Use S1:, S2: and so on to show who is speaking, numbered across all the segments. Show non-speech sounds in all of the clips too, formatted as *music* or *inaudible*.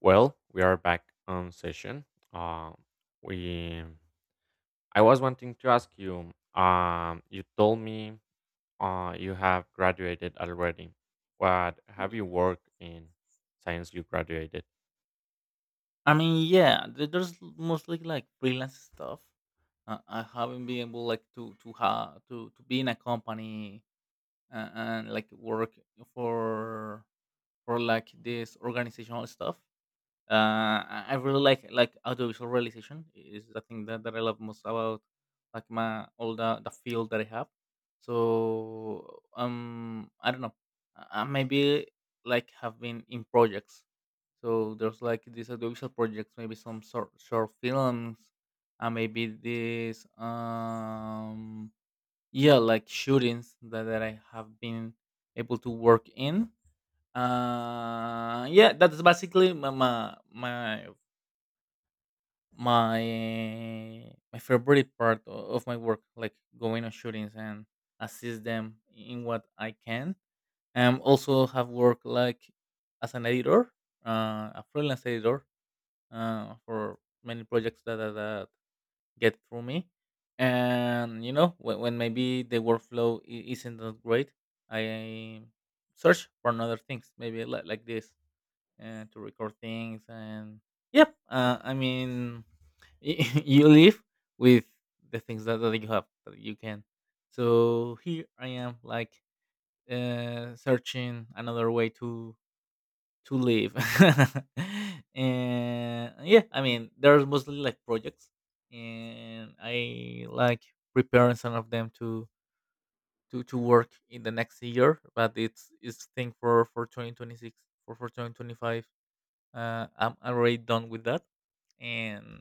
S1: Well, we are back on session. Uh, we I was wanting to ask you. You told me you have graduated already. What have you
S2: Y-
S1: worked in since you graduated?
S2: there's mostly like freelance stuff. I haven't been able like to have to be in a company and like work for for like this organizational stuff. I really like audiovisual realization is the thing that I love most about like my all the field that I have. So I don't know. I maybe like have been in projects. So there's like these audiovisual projects, maybe some sort short films, and maybe these yeah, like shootings that I have been able to work in, yeah, that's basically my, my favorite part of my work, like going on shootings and assist them in what I can. Also have worked like as an editor, a freelance editor, for many projects that get through me. And you know, when maybe the workflow isn't that great, I search for another things, maybe like this, to record things and yep, I mean, *laughs* you live with the things that you have that you can. So here I am like, searching another way to live. *laughs* And yeah, I mean, there's mostly like projects, and I like preparing some of them to to work in the next year, but it's thing for for 2026 for for 2025. I'm already done with that, and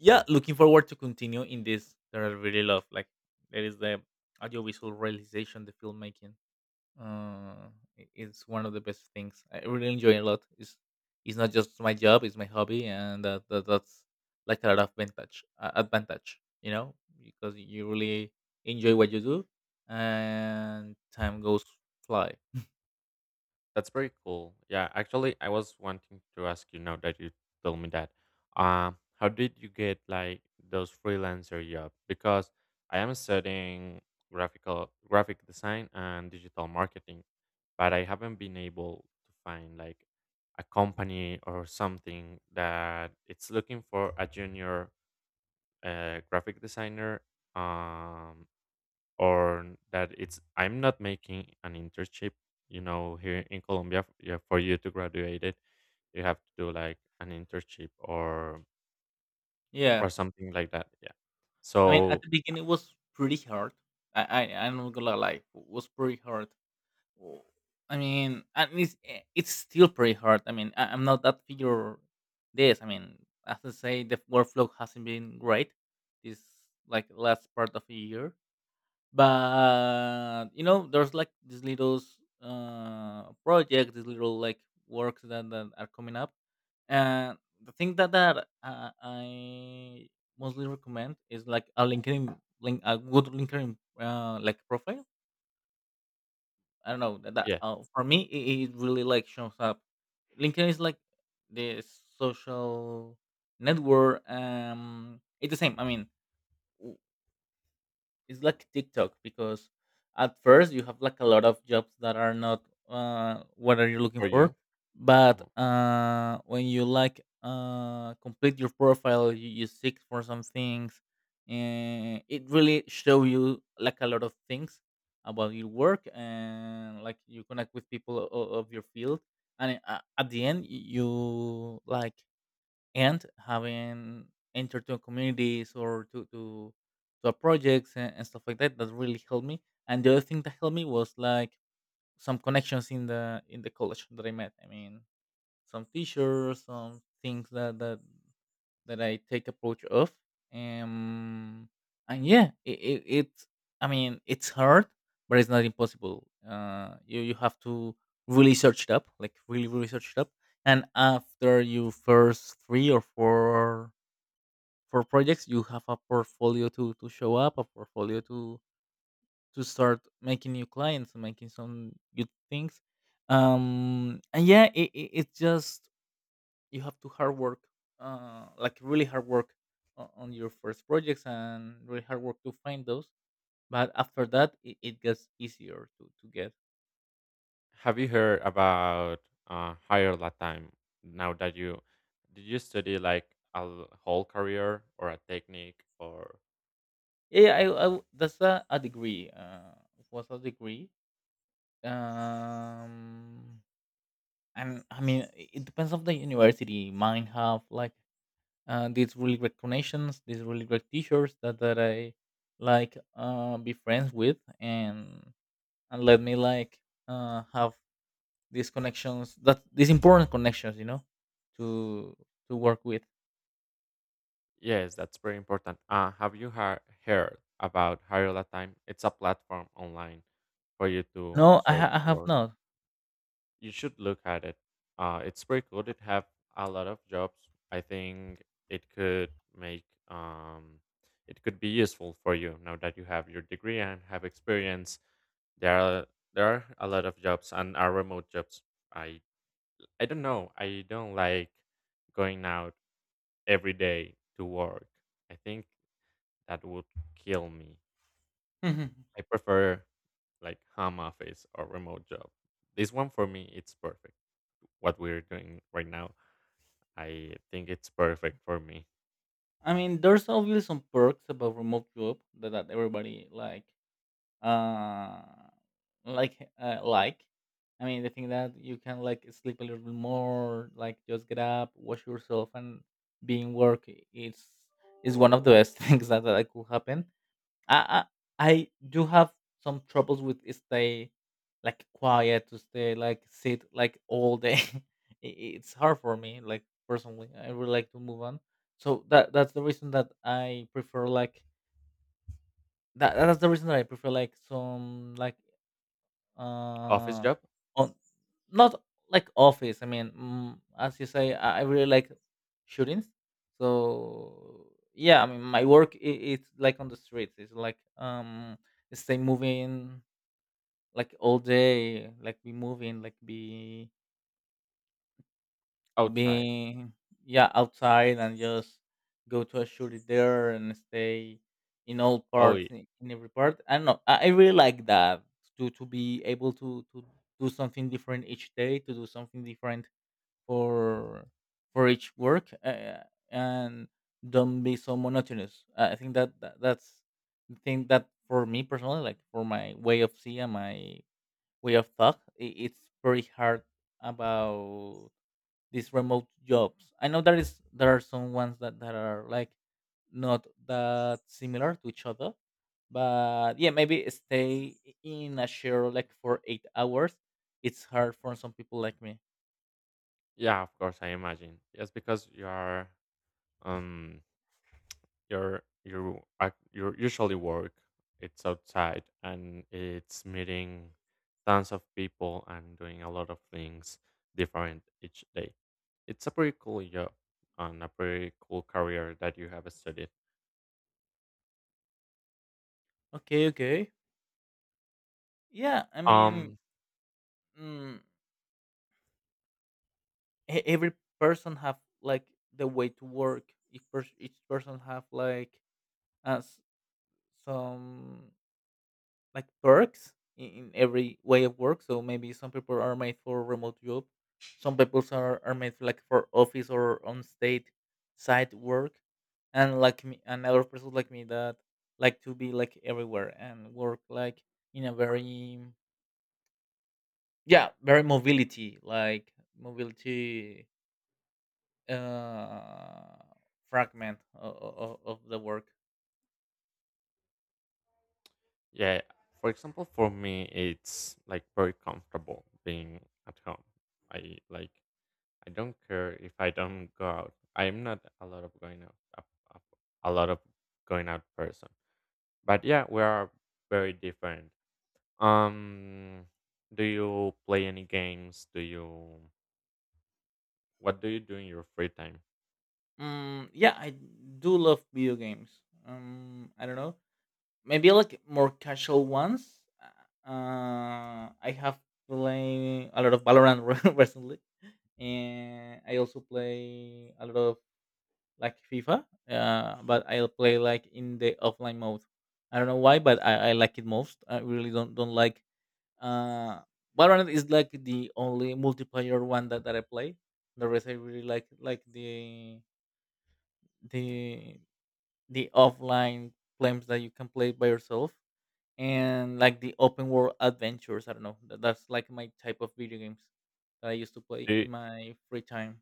S2: yeah, looking forward to continue in this that I really love. Like that is the audiovisual realization, the filmmaking. Uh, it's one of the best things. I really enjoy it a lot. It's not just my job; it's my hobby, and that's like a lot of advantage. Advantage, you know, because you really enjoy what you do, and time goes fly.
S1: That's very cool. Yeah, actually, I was wanting to ask you now that you told me that. How did you get like those freelancer job? Because I am studying graphic design and digital marketing, but I haven't been able to find like a company or something that it's looking for a junior graphic designer. Um, or that it's I'm not making an internship, here in Colombia yeah, for you to graduate it, you have to do like an internship or
S2: Yeah,
S1: or something like that. Yeah.
S2: I mean, at
S1: So
S2: the beginning, it was pretty hard. I'm not gonna lie, it was pretty hard. W- I mean, and it's it's still pretty hard. I mean, I'm not that figure this. I mean, as I say, the workflow hasn't been great. This like last part of the year, but you know there's like these little projects, these little like works that are coming up, and the thing that I mostly recommend is like a LinkedIn link, a good LinkedIn, like profile. I don't know, that, that
S1: yes,
S2: for me it it really like shows up. LinkedIn is like the social network. It's the same, I mean, it's like TikTok because at first you have like a lot of jobs that are not what are you looking
S1: for you,
S2: for, but
S1: uh
S2: when you like, complete your profile, you seek for some things, and it really show you like a lot of things about your work, and like you connect with people of your field, and at the end you like, and having entered to communities or to a projects, and stuff like that that really helped me. And the other thing that helped me was like some connections in the college that I met. I mean, some teachers, some things that I take approach of. Um, and yeah, it I mean it's hard, but it's not impossible. You you have to really search it up, like really really search it up. And after you first three or four projects, you have a portfolio to show up, a portfolio to start making new clients and making some good things. And yeah, it's just you have to hard work, like really hard work on your first projects, and really hard work to find those, but after that it gets easier to get.
S1: have you heard about higher Latin now that you did you study like a whole career or a technique or.
S2: Yeah, that's a degree, was a degree. um and I mean, it depends on the university. Mine have like, these really great connections, these really great teachers that I like, be friends with, and let me like, have these connections, that these important connections, you know, to to work with.
S1: Yes, that's very important. Have you heard about Hariola Time? It's a platform online for you to
S2: No,
S1: search
S2: I have
S1: work.
S2: not.
S1: You should look at it. It's pretty good. It have a lot of jobs. I think it could make um, it could be useful for you now that you have your degree and have experience. There are there are a lot of jobs and are remote jobs. I I don't know. I don't like going out every day to work. I think that would kill me.
S2: Mhm.
S1: I prefer like home office or remote job. This one for me, it's perfect. What we're doing right now, I think it's perfect for me.
S2: I mean, there's obviously some perks about remote job that, that everybody like, uh like uh, like I mean the thing that you can like sleep a little bit more, like just get up, wash yourself, and be in work. It's is one of the best *laughs* things that could happen. I I do have some troubles with stay like quiet, to stay like sit like all day. *laughs* I- it's hard for me like personally. I would like to move on. So that's the reason that I prefer like that that's the reason that I prefer like some like,
S1: Office
S2: uh,
S1: job
S2: on, not like office. I mean, as you say, I really like shootings. So yeah, I mean, my work I it's like on the streets. It's like, stay moving like all day, like be moving, like be
S1: outside.
S2: being, yeah, outside, and just go to a shooty there and stay in all
S1: Oh
S2: parts,
S1: y-
S2: in every part. I don't know, I really like that to be able to do something different each day, to do something different for each work, and don't be so monotonous. I think that's the thing that for me personally, like for my way of seeing, my way of thought, I it's very hard about these remote jobs. I know there is there are some ones that, that are like not that similar to each other, but yeah, maybe stay in a share like for 8 hours. It's hard for some people like me.
S1: yeah, of course I imagine. Yes, because you are um your usually work it's outside and it's meeting tons of people and doing a lot of things different each day. It's a pretty cool job and a pretty cool career that you have studied.
S2: Okay, okay. Yeah, I mean,
S1: um
S2: mm, every person have like the way to work. Each, each person have like as some, like perks in every way of work. So maybe some people are made for remote job, some people are made for, like for office or on state site work, and like me, another person like me that like to be like everywhere and work like in a very, yeah, very mobility, like mobility, uh fragment of the work.
S1: yeah, for example, for me it's like very comfortable being at home. i like I don't care if I don't go out. I'm not a lot of going out, a a lot of going out person. But yeah, we are very different. um do you play any games? Do you What do you do in your free time?
S2: Yeah, I do love video games. I don't know, maybe like more casual ones. I have played a lot of Valorant *laughs* recently, and I also play a lot of like FIFA. But I'll play like in the offline mode. I don't know why, but I like it most. I really don't like. Uh, Valorant is like the only multiplayer one that I play. The rest I really like the the offline games that you can play by yourself, and like the open world adventures. I don't know. That's like my type of video games that I used to play
S1: do you,
S2: in my free time.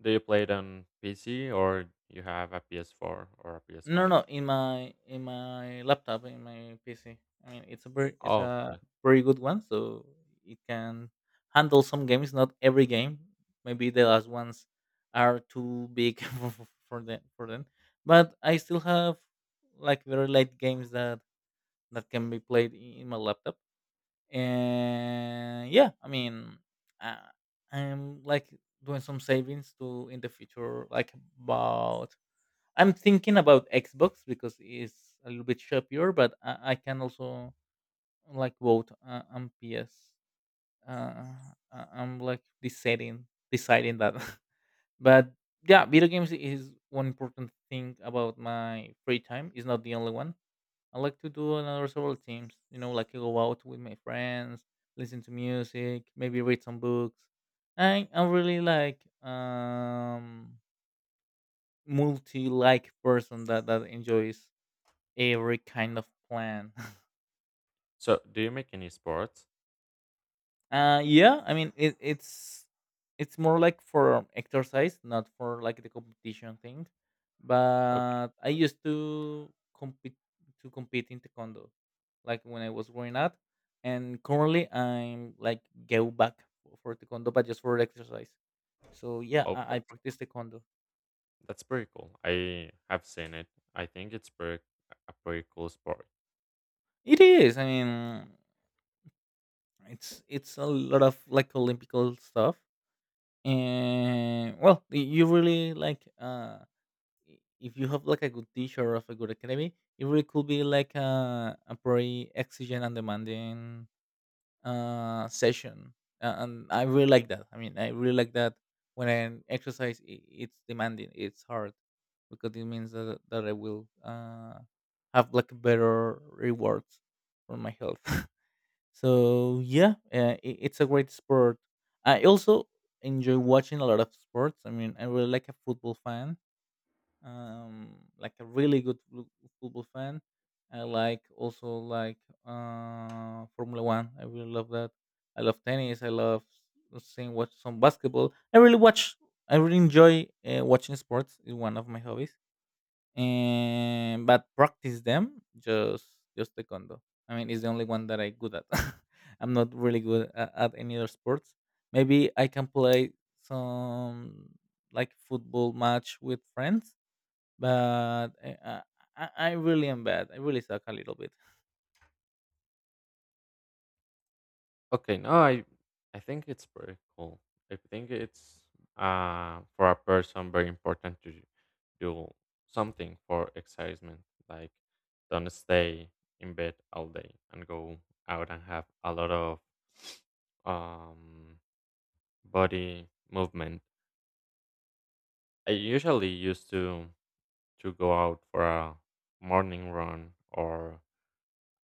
S1: do you play it on PC or you have a PS4 or a
S2: No,
S1: PS5?
S2: no, in my laptop, in my PC. I mean, it's
S1: Oh,
S2: a
S1: okay.
S2: very good one, so it can handle some games. Not every game. Maybe the last ones are too big *laughs* for, for them. But I still have like very light games that can be played in my laptop. And yeah, I mean, uh, I'm like doing some savings to in the future, like about, I'm thinking about Xbox because it's a little bit sharper, but I can also like vote, on PS, uh, I'm like deciding that. *laughs* But yeah, video games is one important thing about my free time. It's not the only one. I like to do another several teams. You know, like I go out with my friends, listen to music, maybe read some books. I'm really like, multi like person that that enjoys every kind of plan. *laughs*
S1: So do you make any sports?
S2: Yeah, I mean it's more like for exercise, not for like the competition thing.
S1: Okay.
S2: But I used to compete in taekwondo, like when I was growing up, and currently I'm like go back for taekwondo, but just for exercise. So yeah,
S1: Oh,
S2: I
S1: that's
S2: practice taekwondo.
S1: that's pretty cool. I have seen it. I think it's pretty a pretty cool sport.
S2: It is. I mean, it's a lot of like Olympical stuff, and well, you really like, if you have like a good teacher of a good academy, it really could be like a very exigent and demanding, session. And I really like that. I mean, I really like that when I exercise, I it's demanding, it's hard because it means that I will, have like better rewards for my health. *laughs* So yeah, it, it's a great sport. I also enjoy watching a lot of sports. I mean, I'm really like a football fan, like a really football fan. I like also like formula one. I really love that. I love tennis. I love seeing, watch some basketball. I really enjoy watching sports. Is one of my hobbies. And but practice them, just taekwondo. I mean, it's the only one that I good at. *laughs* I'm not really good at any other sports. Maybe I can play some, like football match with friends, but I really am bad. I really suck a little bit.
S1: Okay, no, I think it's pretty cool. I think it's for a person very important to do something for excitement, like don't stay in bed all day and go out and have a lot of um body movement. I usually used to go out for a morning run or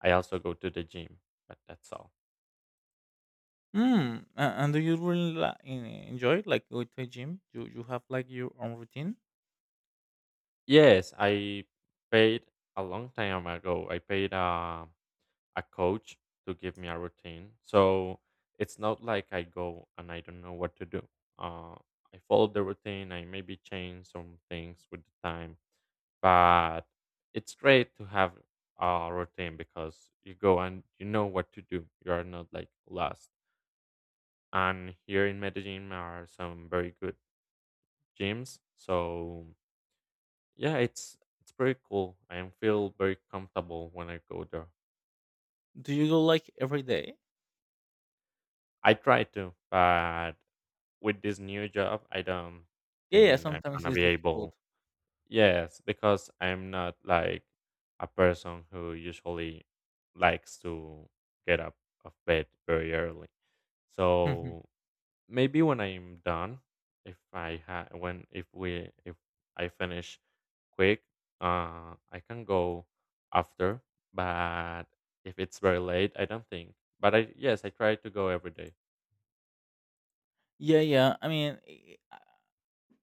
S1: I also go to the gym, but that's all.
S2: Hmm. And do you really enjoy it? Like going to a gym? Do you have like your own routine?
S1: Yes, I paid a long time ago. I paid a coach to give me a routine. So it's not like I go and I don't know what to do. Uh, I follow the routine. I maybe change some things with the time, but it's great to have a routine because you go and you know what to do. You are not like lost. And here in Medellin are some very good gyms. So yeah, it's pretty cool. I am feel very comfortable when I go there.
S2: Do you go like every day?
S1: I try to, but with this new job, I don't
S2: Yeah, yeah.
S1: think I'm
S2: Sometimes
S1: gonna
S2: it's
S1: be able.
S2: difficult.
S1: Yes, because I'm not like a person who usually likes to get up of bed very early.
S2: *laughs*
S1: So maybe when I'm done, if I ha- when if we if I finish quick, I can go after. But if it's very late, I don't think. But I yes, I try to go every day
S2: Yeah, yeah. I mean,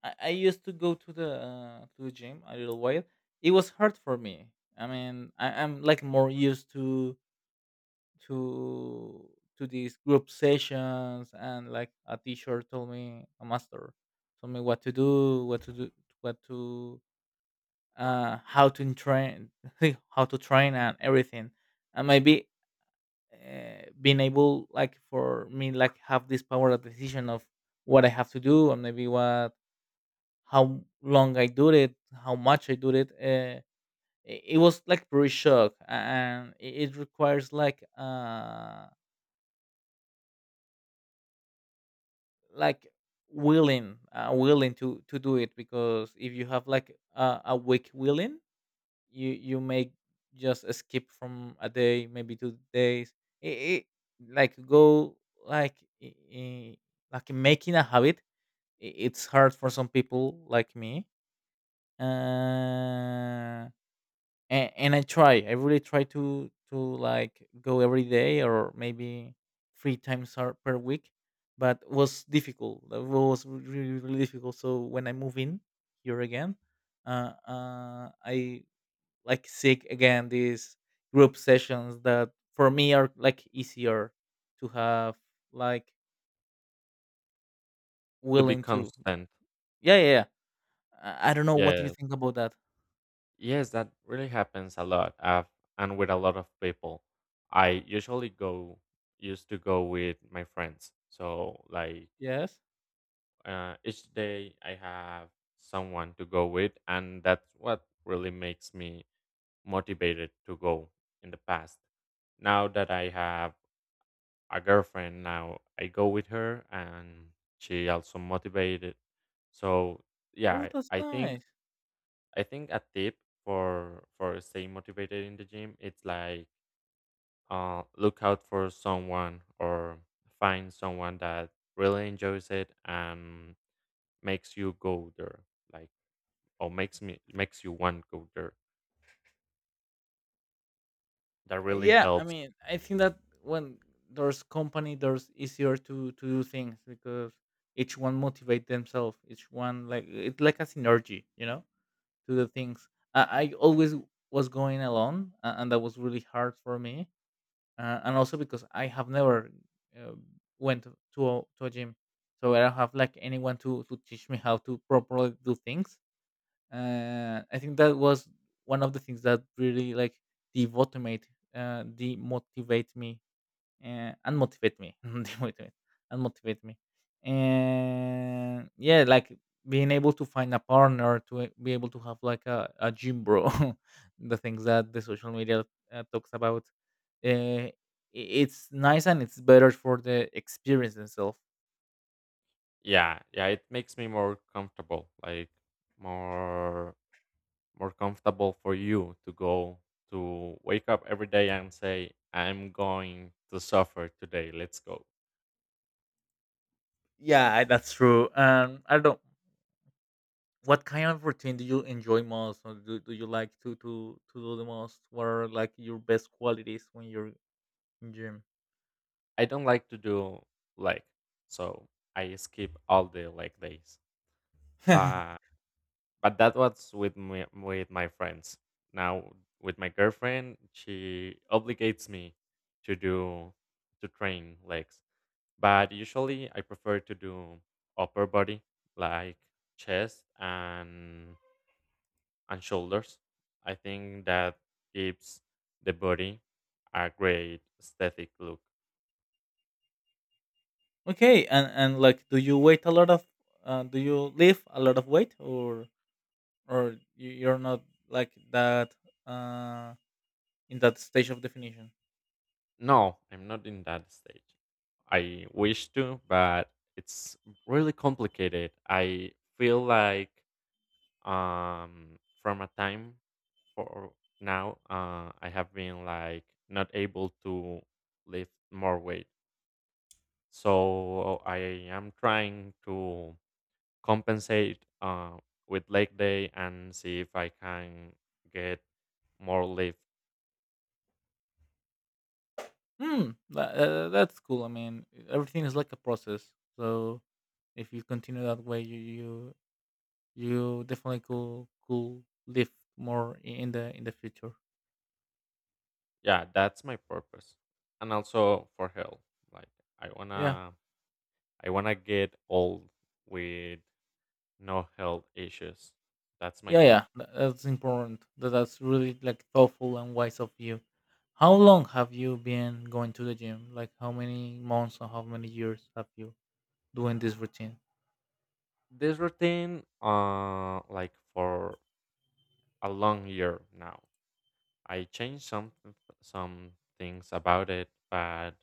S2: I used to go to the gym a little while. It was hard for me. I mean, I'm like more used to to to these group sessions, and like a teacher told me, a master told me what to do, what to do what to how to train, *laughs* how to train and everything. And maybe being able, like for me, like have this power of decision of what I have to do, and maybe what, how long I do it, how much I do it, it it was like pretty shock, and it requires like like willing, willing to do it. Because if you have like a weak willing, you may just skip from a day, maybe 2 days. It, it Like go like like making a habit, it's hard for some people like me. Uh and, and I try. I really try to like go every day, or maybe three times per week, but was difficult. That was really, really difficult. So when I move in here again, I like seek again these group sessions that for me are like easier to have like
S1: to be
S2: willing to.
S1: constant.
S2: Yeah, yeah. I don't know, what do you
S1: Yes,
S2: think about that?
S1: yes, that really happens a lot. And with a lot of people, I usually go used to go with my friends. So like
S2: Yes.
S1: each day I have someone to go with, and that's what really makes me motivated to go in the past. Now that I have a girlfriend, now I go with her, and she also motivated. So yeah,
S2: Oh,
S1: I
S2: that's
S1: I think
S2: nice.
S1: I think a tip for staying motivated in the gym it's like look out for someone or find someone that really enjoys it and makes you go there, like, or makes you want to go there. That really
S2: Yeah, I
S1: helps.
S2: mean, I think that when there's company, there's easier to do things, because each one motivate themselves. Each one, like it's like a synergy, you know, to the things. I, I always was going alone, and that was really hard for me, and also because I have never uh, went to to a gym, so I don't have like anyone to teach me how to properly do things. I think that was one of the things that really like demotivate, demotivate me, unmotivate me, *laughs* demotivate, unmotivate me, and yeah, like being able to find a partner to be able to have like a gym bro, *laughs* the things that the social media talks about, uh, i- it's nice, and it's better for the experience itself.
S1: Yeah, yeah, it makes me more comfortable, like more more comfortable for you to wake up every day and say, "I'm going to suffer today. Let's go."
S2: Yeah, that's true. I don't. What kind of routine do you enjoy most, or do you like to, to do the most? What are like your best qualities when you're in gym?
S1: I don't like to do like so I skip all the like days. But
S2: *laughs*
S1: but that was with my friends. Now with my girlfriend, she obligates me to do to train legs. But usually I prefer to do upper body like chest and shoulders. I think that gives the body a great aesthetic look.
S2: Okay, and like, do you weight a lot of? Do you lift a lot of weight, or you're not like that, uh, in that stage of definition?
S1: No, I'm not in that stage. I wish to, but it's really complicated. I feel like from a time for now, I have been like not able to lift more weight. So I am trying to compensate with leg day and see if I can get more lift.
S2: Hmm, that, that's cool. I mean, everything is like a process, so if you continue that way, you definitely could live more in the future.
S1: Yeah, that's my purpose, and also for health. Like I
S2: Yeah,
S1: wanna, I wanna get old with no health issues. That's my
S2: yeah.
S1: wish.
S2: That's important. That's really like thoughtful and wise of you. How long have you been going to the gym? Like how many months or how many years have you doing this routine?
S1: This routine, like for a long year now. I changed some things about it, but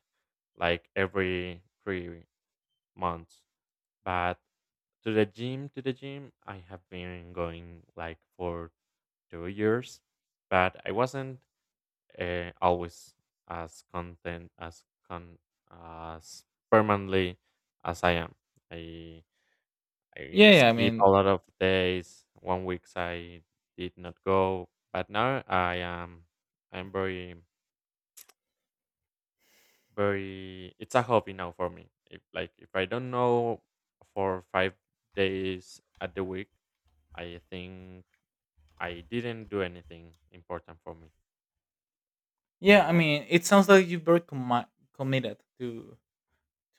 S1: like every 3 months. But to the gym, I have been going like for 2 years, but I wasn't always as content as con as permanently as I am. I I
S2: Yeah, yeah. I
S1: skip a
S2: mean,
S1: lot of days. One weeks I did not go, but now I am I'm very very it's a hobby now for me. If I don't know for 5 days at the week, I think I didn't do anything important for me.
S2: yeah. I mean, it sounds like you're very committed to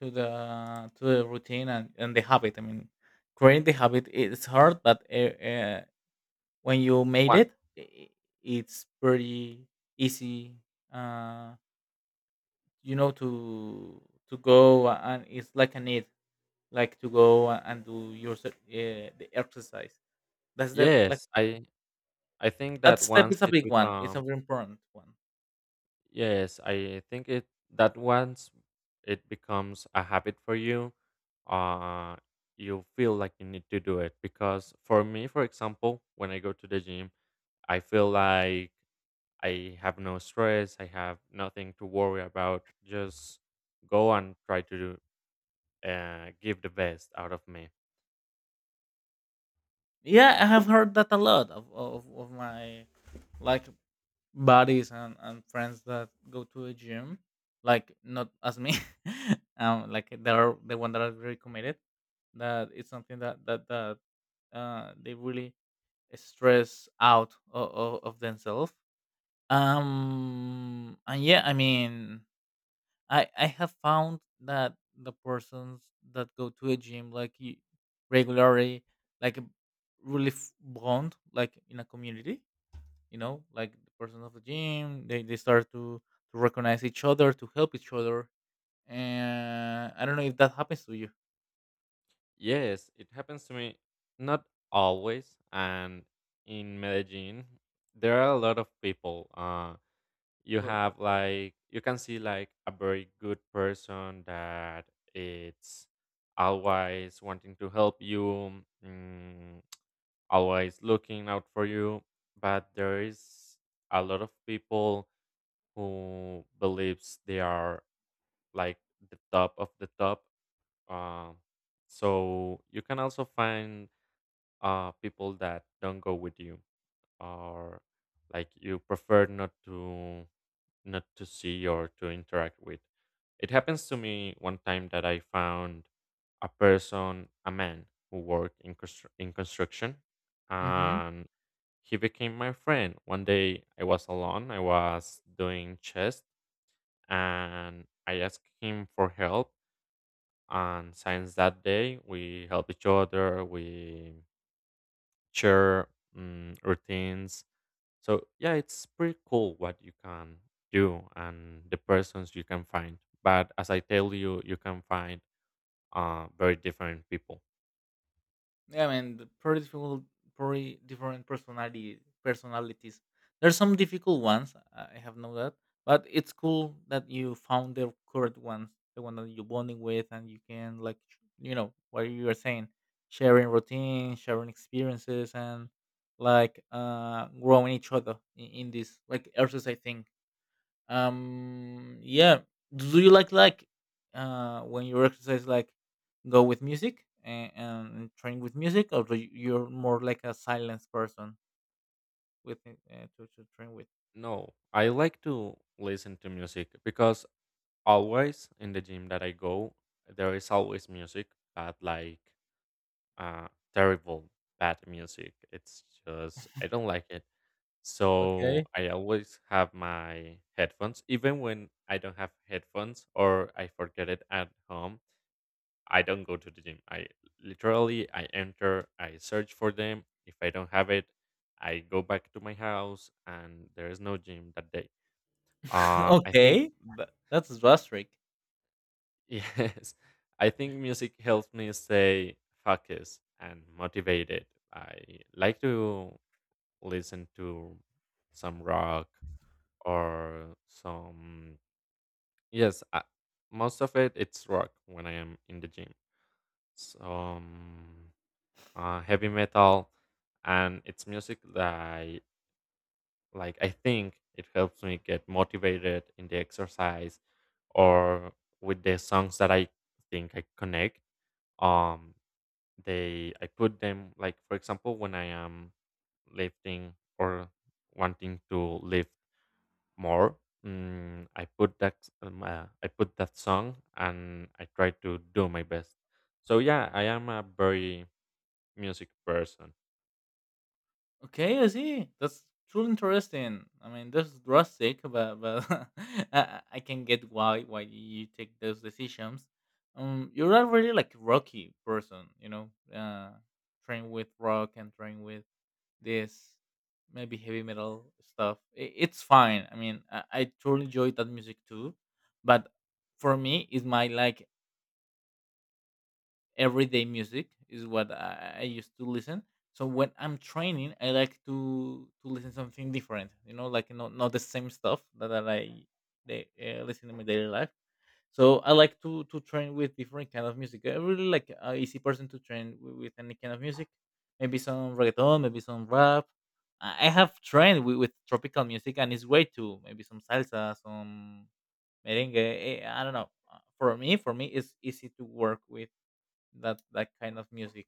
S2: to the routine and the habit. I mean, creating the habit, it's hard, but when you made
S1: What?
S2: it, i- i- it's pretty easy. Uh, you know, to go, and it's like a need, like to go and do your the exercise. That's the like,
S1: Yes, I think
S2: that
S1: that
S2: step
S1: once
S2: is a
S1: it
S2: big one. It's a
S1: becomes.
S2: very important one.
S1: Yes, I think it that once it becomes a habit for you, uh you feel like you need to do it because for me, for example, when I go to the gym, I feel like I have no stress, I have nothing to worry about. Just go and try to do, give the best out of me.
S2: Yeah, I have heard that a lot of of my like buddies and friends that go to a gym, like not as me, *laughs* like they're the one that are very committed, that it's something that they really stress out of themselves. And yeah, I mean, I have found that the persons that go to a gym like regularly, like really bond, like in a community, you know, like the person of the gym, they start to recognize each other, to help each other. And I don't know if that happens to you.
S1: Yes, it happens to me not always, and in Medellin there are a lot of people. You
S2: Well, that,
S1: have like you can see like a very good person that it's always wanting to help you, mm, always looking out for you, but there is a lot of people who believes they are like the top of the top, uh, so you can also find people that don't go with you, or like you prefer not to see or to interact with. It happens to me one time that I found a person, a man who worked in construction,
S2: mm-hmm.
S1: and he became my friend. One day I was alone. I was doing chest, and I asked him for help. And since that day, we help each other. We share routines. So yeah, it's pretty cool what you can do and the persons you can find. But as I tell you, you can find very different people.
S2: Yeah, I mean, the pretty difficult, pretty different personality personalities. There's some difficult ones. I have known that, but it's cool that you found the correct one, the one that you're bonding with, and you can like, you know, what you were saying, sharing routines, sharing experiences, and like growing each other in this like exercise thing. Yeah, do you like when you exercise, like go with music and train with music, or do you're more like a silence person with it, to train with?
S1: No, I like to listen to music because always in the gym that I go, there is always music, but like uh, terrible bad music. It's just I don't like it. So
S2: Okay.
S1: I always have my headphones, even when I don't have headphones or I forget it at home. I don't go to the gym. I literally I enter, I search for them. If I don't have it, I go back to my house and there is no gym that day.
S2: *laughs*
S1: I think
S2: Okay, but that's drastic.
S1: *laughs* yes. I think music helps me stay focused and motivated. I like to listen to some rock or some, yes, most of it, it's rock when I am in the gym. So heavy metal, and it's music that like I think it helps me get motivated in the exercise or with the songs that I think I connect. Um, they I put them like for example when I am lifting or wanting to lift more. Mm, I put that I put that song and I try to do my best. So yeah, I am a very music person.
S2: Okay, I see. That's truly interesting. I mean, that's drastic, but *laughs* I can get why you take those decisions. You're not really like rocky person, you know. Train with rock and train with this maybe heavy metal stuff. I it's fine. I mean, I truly enjoy that music too, but for me, it's my like everyday music is what I used to listen. So when I'm training, I like to listen something different. You know, like not not the same stuff that I like, they, listen in my daily life. So I like to train with different kind of music. I really like a easy person to train with any kind of music. Maybe some reggaeton, maybe some rap. I have trained with tropical music and it's way too. Maybe some salsa, some merengue. I don't know. For me, it's easy to work with that kind of music.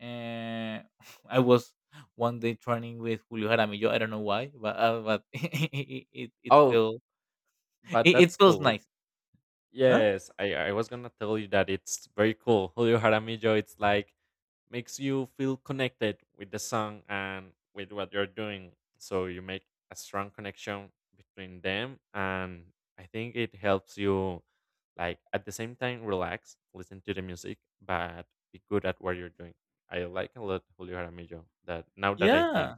S2: Uh, *laughs* I was one day training with Julio Jaramillo. I don't know why, but *laughs* it
S1: Oh,
S2: felt,
S1: but
S2: it,
S1: that's
S2: it feels
S1: cool.
S2: nice, huh?
S1: Yes, I was gonna tell you that it's very cool. Julio Jaramillo, it's like makes you feel connected with the song and with what you're doing. So you make a strong connection between them and I think it helps you like at the same time relax, listen to the music, but be good at what you're doing. I like a lot Julio Jaramillo that now that I think
S2: Yeah,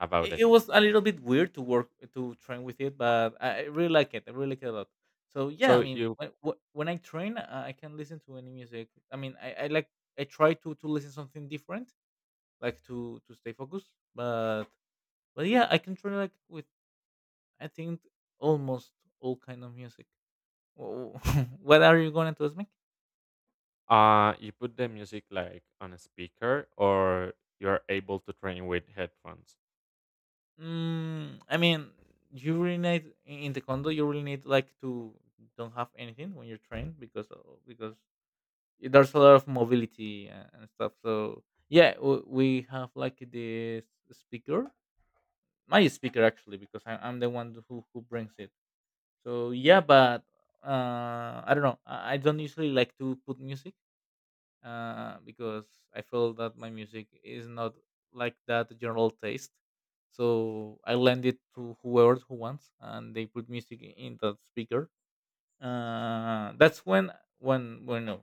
S1: about
S2: it,
S1: it.
S2: it was a little bit weird to work to train with it, but I really like it. I really like it a lot. So yeah, I
S1: So
S2: mean,
S1: you
S2: when when I train, I can listen to any music. I mean, I like, I try to listen something different, like to stay focused. But but yeah, I can train like with, I think almost all kind of music. Wh- *laughs* what are you going to ask me?
S1: Uh, you put the music like on a speaker, or you're able to train with headphones.
S2: Mm, I mean, you really need in the condo. You really need like to don't have anything when you're trained, because because there's a lot of mobility and stuff. So yeah, we have like this speaker, my speaker actually, because I'm the one who brings it. So yeah, but I don't know. I don't usually like to put music, because I feel that my music is not like that general taste. So I lend it to whoever who wants, and they put music in that speaker. That's when when when uh,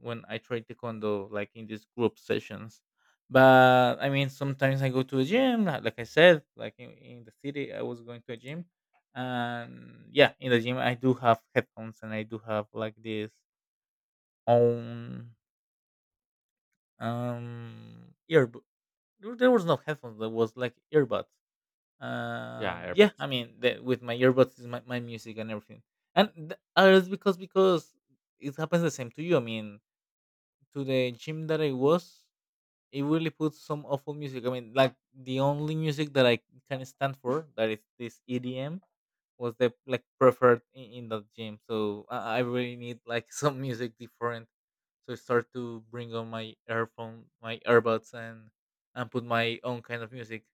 S2: when I try taekwondo, like in these group sessions. But I mean, sometimes I go to a gym, like I said, like in the city, I was going to a gym, and yeah, in the gym I do have headphones, and I do have like this own ear, there was no headphones, there was like earbuds.
S1: Yeah,
S2: Yeah,
S1: earbuds.
S2: I mean with my earbuds is my music and everything. And it's because it happens the same to you. I mean, to the gym that I was, it really puts some awful music. I mean, like the only music that I can stand for that is this EDM was the like preferred in the gym. So I really need like *laughs* some music different. So I start to bring on my earphone, my earbuds, and put my own kind of music.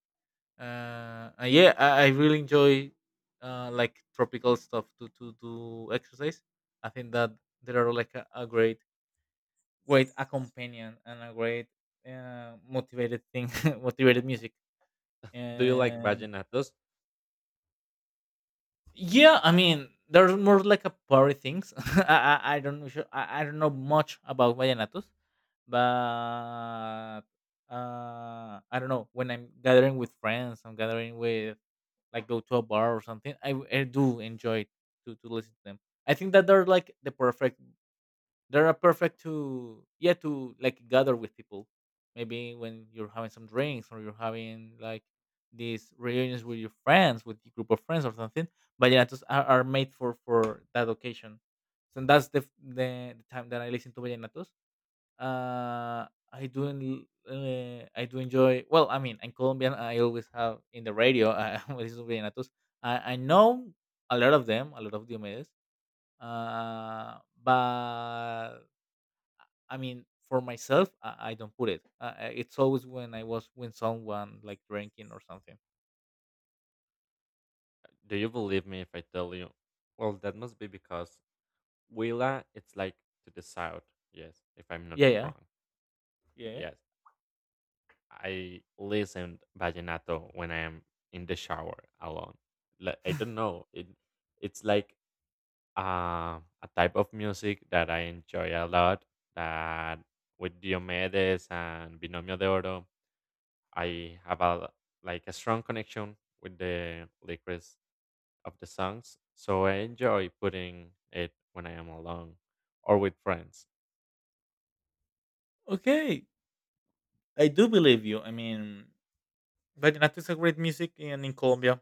S2: And yeah, I really enjoy like tropical stuff to do exercise. I think that they are like a great great companion and a great motivated thing, *laughs* motivated music.
S1: Do you like
S2: Uh,
S1: vallenatos?
S2: Yeah, I mean, there's more like a party things. *laughs* I don't know. I don't know much about vallenatos, but I don't know. When I'm gathering with friends, I'm gathering with like go to a bar or something. I do enjoy to listen to them. I think that they're a perfect to, yeah, to like gather with people. Maybe when you're having some drinks or you're having like these reunions with your friends, with your group of friends or something. But yeah, just are made for that occasion. So that's the, f- the time that I listen to vallenatos. Uh, I do enjoy. Well, I mean, I'm Colombian. I always have in the radio. I *laughs* listen to vallenatos. I know a lot of them, a lot of Diomedes. But I mean, for myself, I don't put it. It's always when I was with someone like drinking or something.
S1: Do you believe me if I tell you? Well, that must be because Huila, it's like to the south. Yes, if I'm not
S2: Yeah, yeah,
S1: wrong.
S2: yeah.
S1: Yes, I listened vallenato when I am in the shower alone. Like, I don't know. It's like a type of music that I enjoy a lot. That with Diomedes and Binomio de Oro, I have a like a strong connection with the lyrics of the songs. So I enjoy putting it when I am alone or with friends.
S2: Okay, I do believe you. I mean, vallenato is a great music, and in Colombia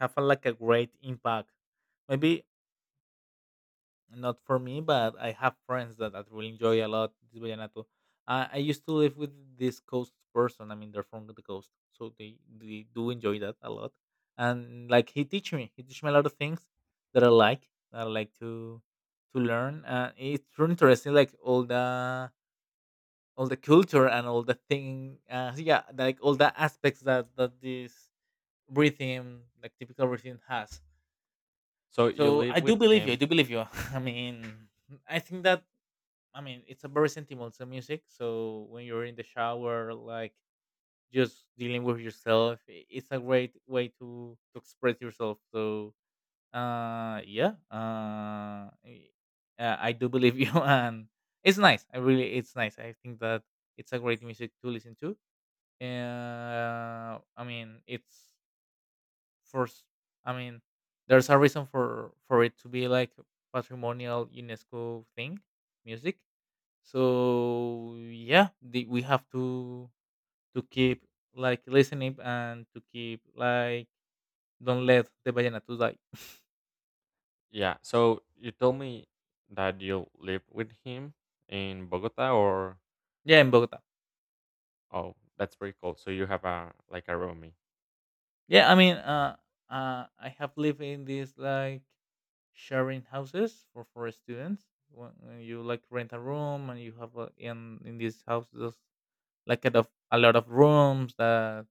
S2: have a, like a great impact. Maybe not for me, but I have friends that really enjoy a lot this vallenato. I used to live with this coast person. I mean, they're from the coast, so they do enjoy that a lot. And like he teach me a lot of things that I like to learn. It's really interesting, like all the culture and all the thing. So, yeah, like all the aspects that that this rhythm, like typical rhythm, has.
S1: So you
S2: So
S1: live
S2: I
S1: with
S2: do believe you. I
S1: him,
S2: do believe you. *laughs* I mean, I think that I mean, it's a very sentimental music. So when you're in the shower, like just dealing with yourself, it's a great way to express yourself. So uh, yeah, uh, I I do believe you, *laughs* and it's nice. I really, it's nice. I think that it's a great music to listen to. I mean, it's first. I mean, there's a reason for it to be like patrimonial UNESCO thing music. So yeah, the, we have to keep like listening and to keep like don't let the ballena to die.
S1: yeah. So you told me that you live with him in Bogota, or?
S2: *laughs* Yeah, in Bogota.
S1: Oh, that's pretty cool. So you have a like a roomie.
S2: Yeah, I mean, I have lived in these like sharing houses for students when you like rent a room and you have a, in these houses like kind of a lot of rooms that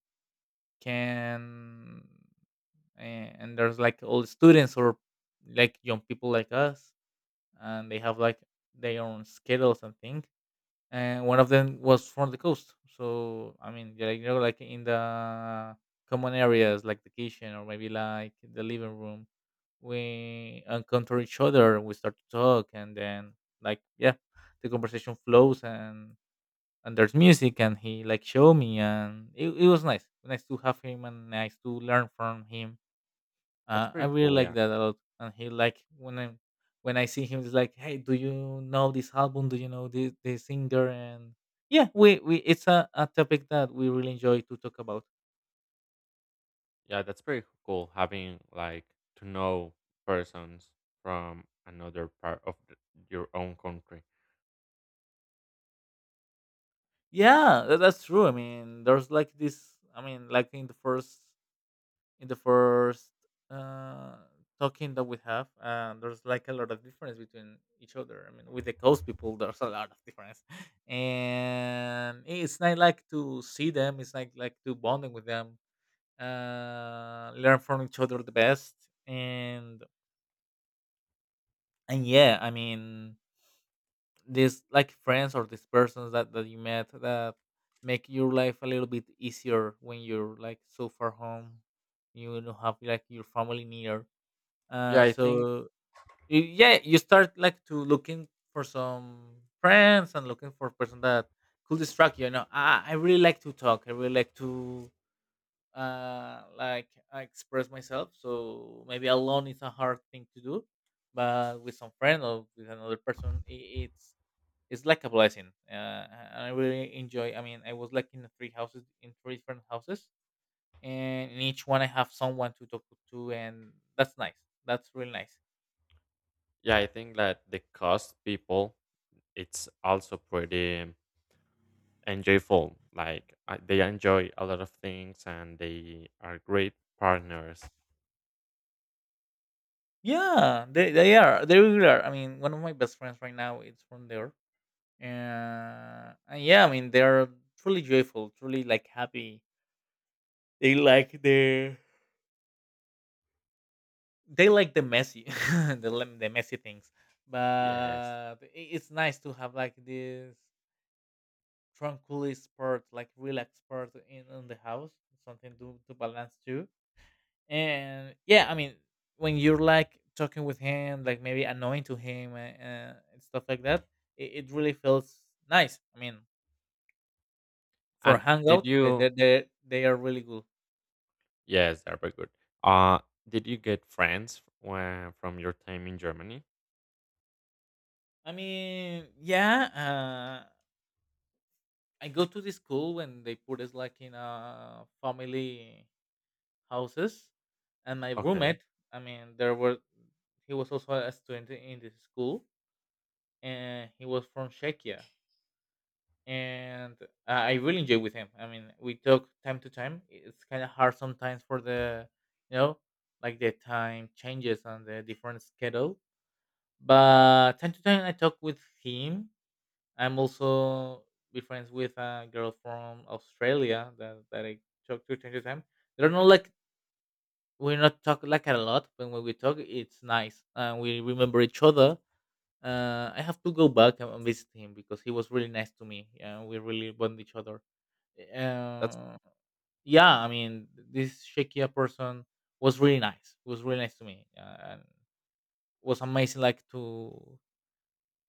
S2: can. And there's like old students or like young people like us and they have like their own schedules and thing. And one of them was from the coast, so I mean, yeah, you know, like in the common areas like the kitchen or maybe like the living room, we encounter each other, we start to talk, and then like yeah, the conversation flows and there's music and he like showed me and it was nice to have him and nice to learn from him.
S1: That's
S2: I
S1: pretty
S2: really
S1: cool,
S2: like
S1: yeah.
S2: that a lot. And he like when I see him, he's like, "Hey, do you know this album? Do you know this the singer?" And yeah, we it's a topic that we really enjoy to talk about.
S1: Yeah, that's pretty cool having like to know persons from another part of your own country.
S2: Yeah, that's true. I mean, there's like this. I mean, like in the first uh talking that we have, there's like a lot of difference between each other. I mean, with the coast people, there's a lot of difference *laughs* and it's not like to see them, it's like to bonding with them. Learn from each other the best, and and yeah, I mean, these like friends or these persons that, that you met that make your life a little bit easier when you're like so far home, you don't have like your family near.
S1: Yeah,
S2: uh
S1: I think
S2: so yeah, you start like to looking for some friends and looking for a person that could distract you, you know. I really like to talk. I really like to like I express myself. So maybe alone is a hard thing to do, but with some friend or with another person, I it's it's like a blessing. And I really enjoy. I mean, I was like in three houses, in three different houses, and in each one I have someone to talk to, and that's nice. That's really nice.
S1: yeah, I think that the cost people it's also pretty enjoyable. Like they enjoy a lot of things and they are great partners.
S2: Yeah, they are they really are. I mean, one of my best friends right now is from there, and yeah, I mean, they are truly joyful, truly like happy. They like their they like the messy *laughs* the messy things,
S1: Yes.
S2: but it's nice to have like this tranquilly sport, like relaxed sport in the house, something to balance too. And yeah, I mean, when you're like talking with him like maybe annoying to him, and stuff like that, it really feels nice. I mean, for
S1: And did
S2: hangout, they,
S1: you?
S2: they, they, they are really good.
S1: Yes, they're very good. Uh, did you get friends from your time in Germany?
S2: I mean, yeah. I go to the school when they put us like in a family houses, and my
S1: Okay,
S2: roommate. I mean, there were he was also a student in this school, and he was from Czechia, and I really enjoy with him. I mean, we talk time to time. It's kind of hard sometimes for the, you know, like the time changes and the different schedule, but time to time I talk with him. I'm also be friends with a girl from Australia that I talk to time to time. They do not know like we're not talk like a lot, but when we talk, it's nice. We remember each other. I have to go back and visit him because he was really nice to me. Yeah, we really bond each other.
S1: that's
S2: Uh, yeah, I mean, this Shekia person was really nice. He was really nice to me, and it was amazing. Like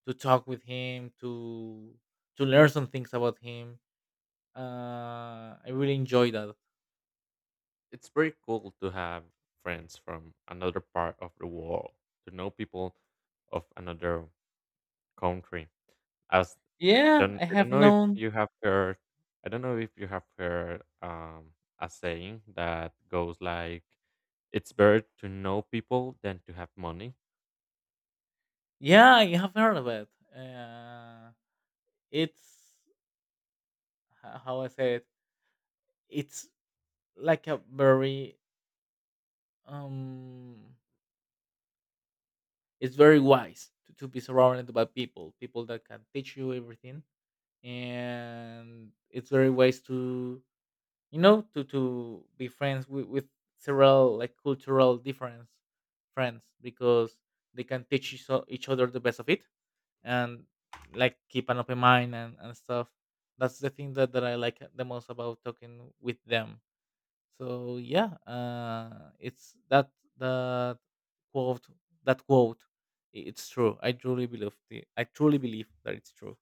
S2: to talk with him, to learn some things about him. I really enjoy that.
S1: It's very cool to have friends from another part of the world, to know people of another country. As
S2: Yeah, I
S1: I
S2: have
S1: don't know if
S2: known.
S1: you have heard, I don't know if you have heard, a saying that goes like, "It's better to know people than to have money."
S2: Yeah, I have heard of it. Uh, it's how I say it. It's like a very um. It's very wise to be surrounded by people, people that can teach you everything, and it's very wise to, you know, to be friends with several like cultural difference friends because they can teach each other the best of it, and like keep an open mind and stuff. That's the thing that, that I like the most about talking with them. So yeah, it's that quote, that quote. It's true. I truly believe I truly believe that it's true.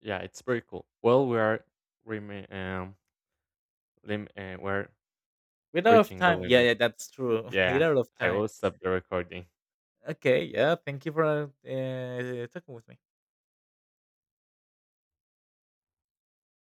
S1: Yeah, it's very cool. Well, remi- um, we're
S2: Without of
S1: reaching the
S2: time, yeah,
S1: limit.
S2: yeah, that's true. *laughs*
S1: Yeah,
S2: Without of
S1: *laughs* I
S2: time.
S1: will stop the recording.
S2: Okay, yeah. Thank you for talking with me.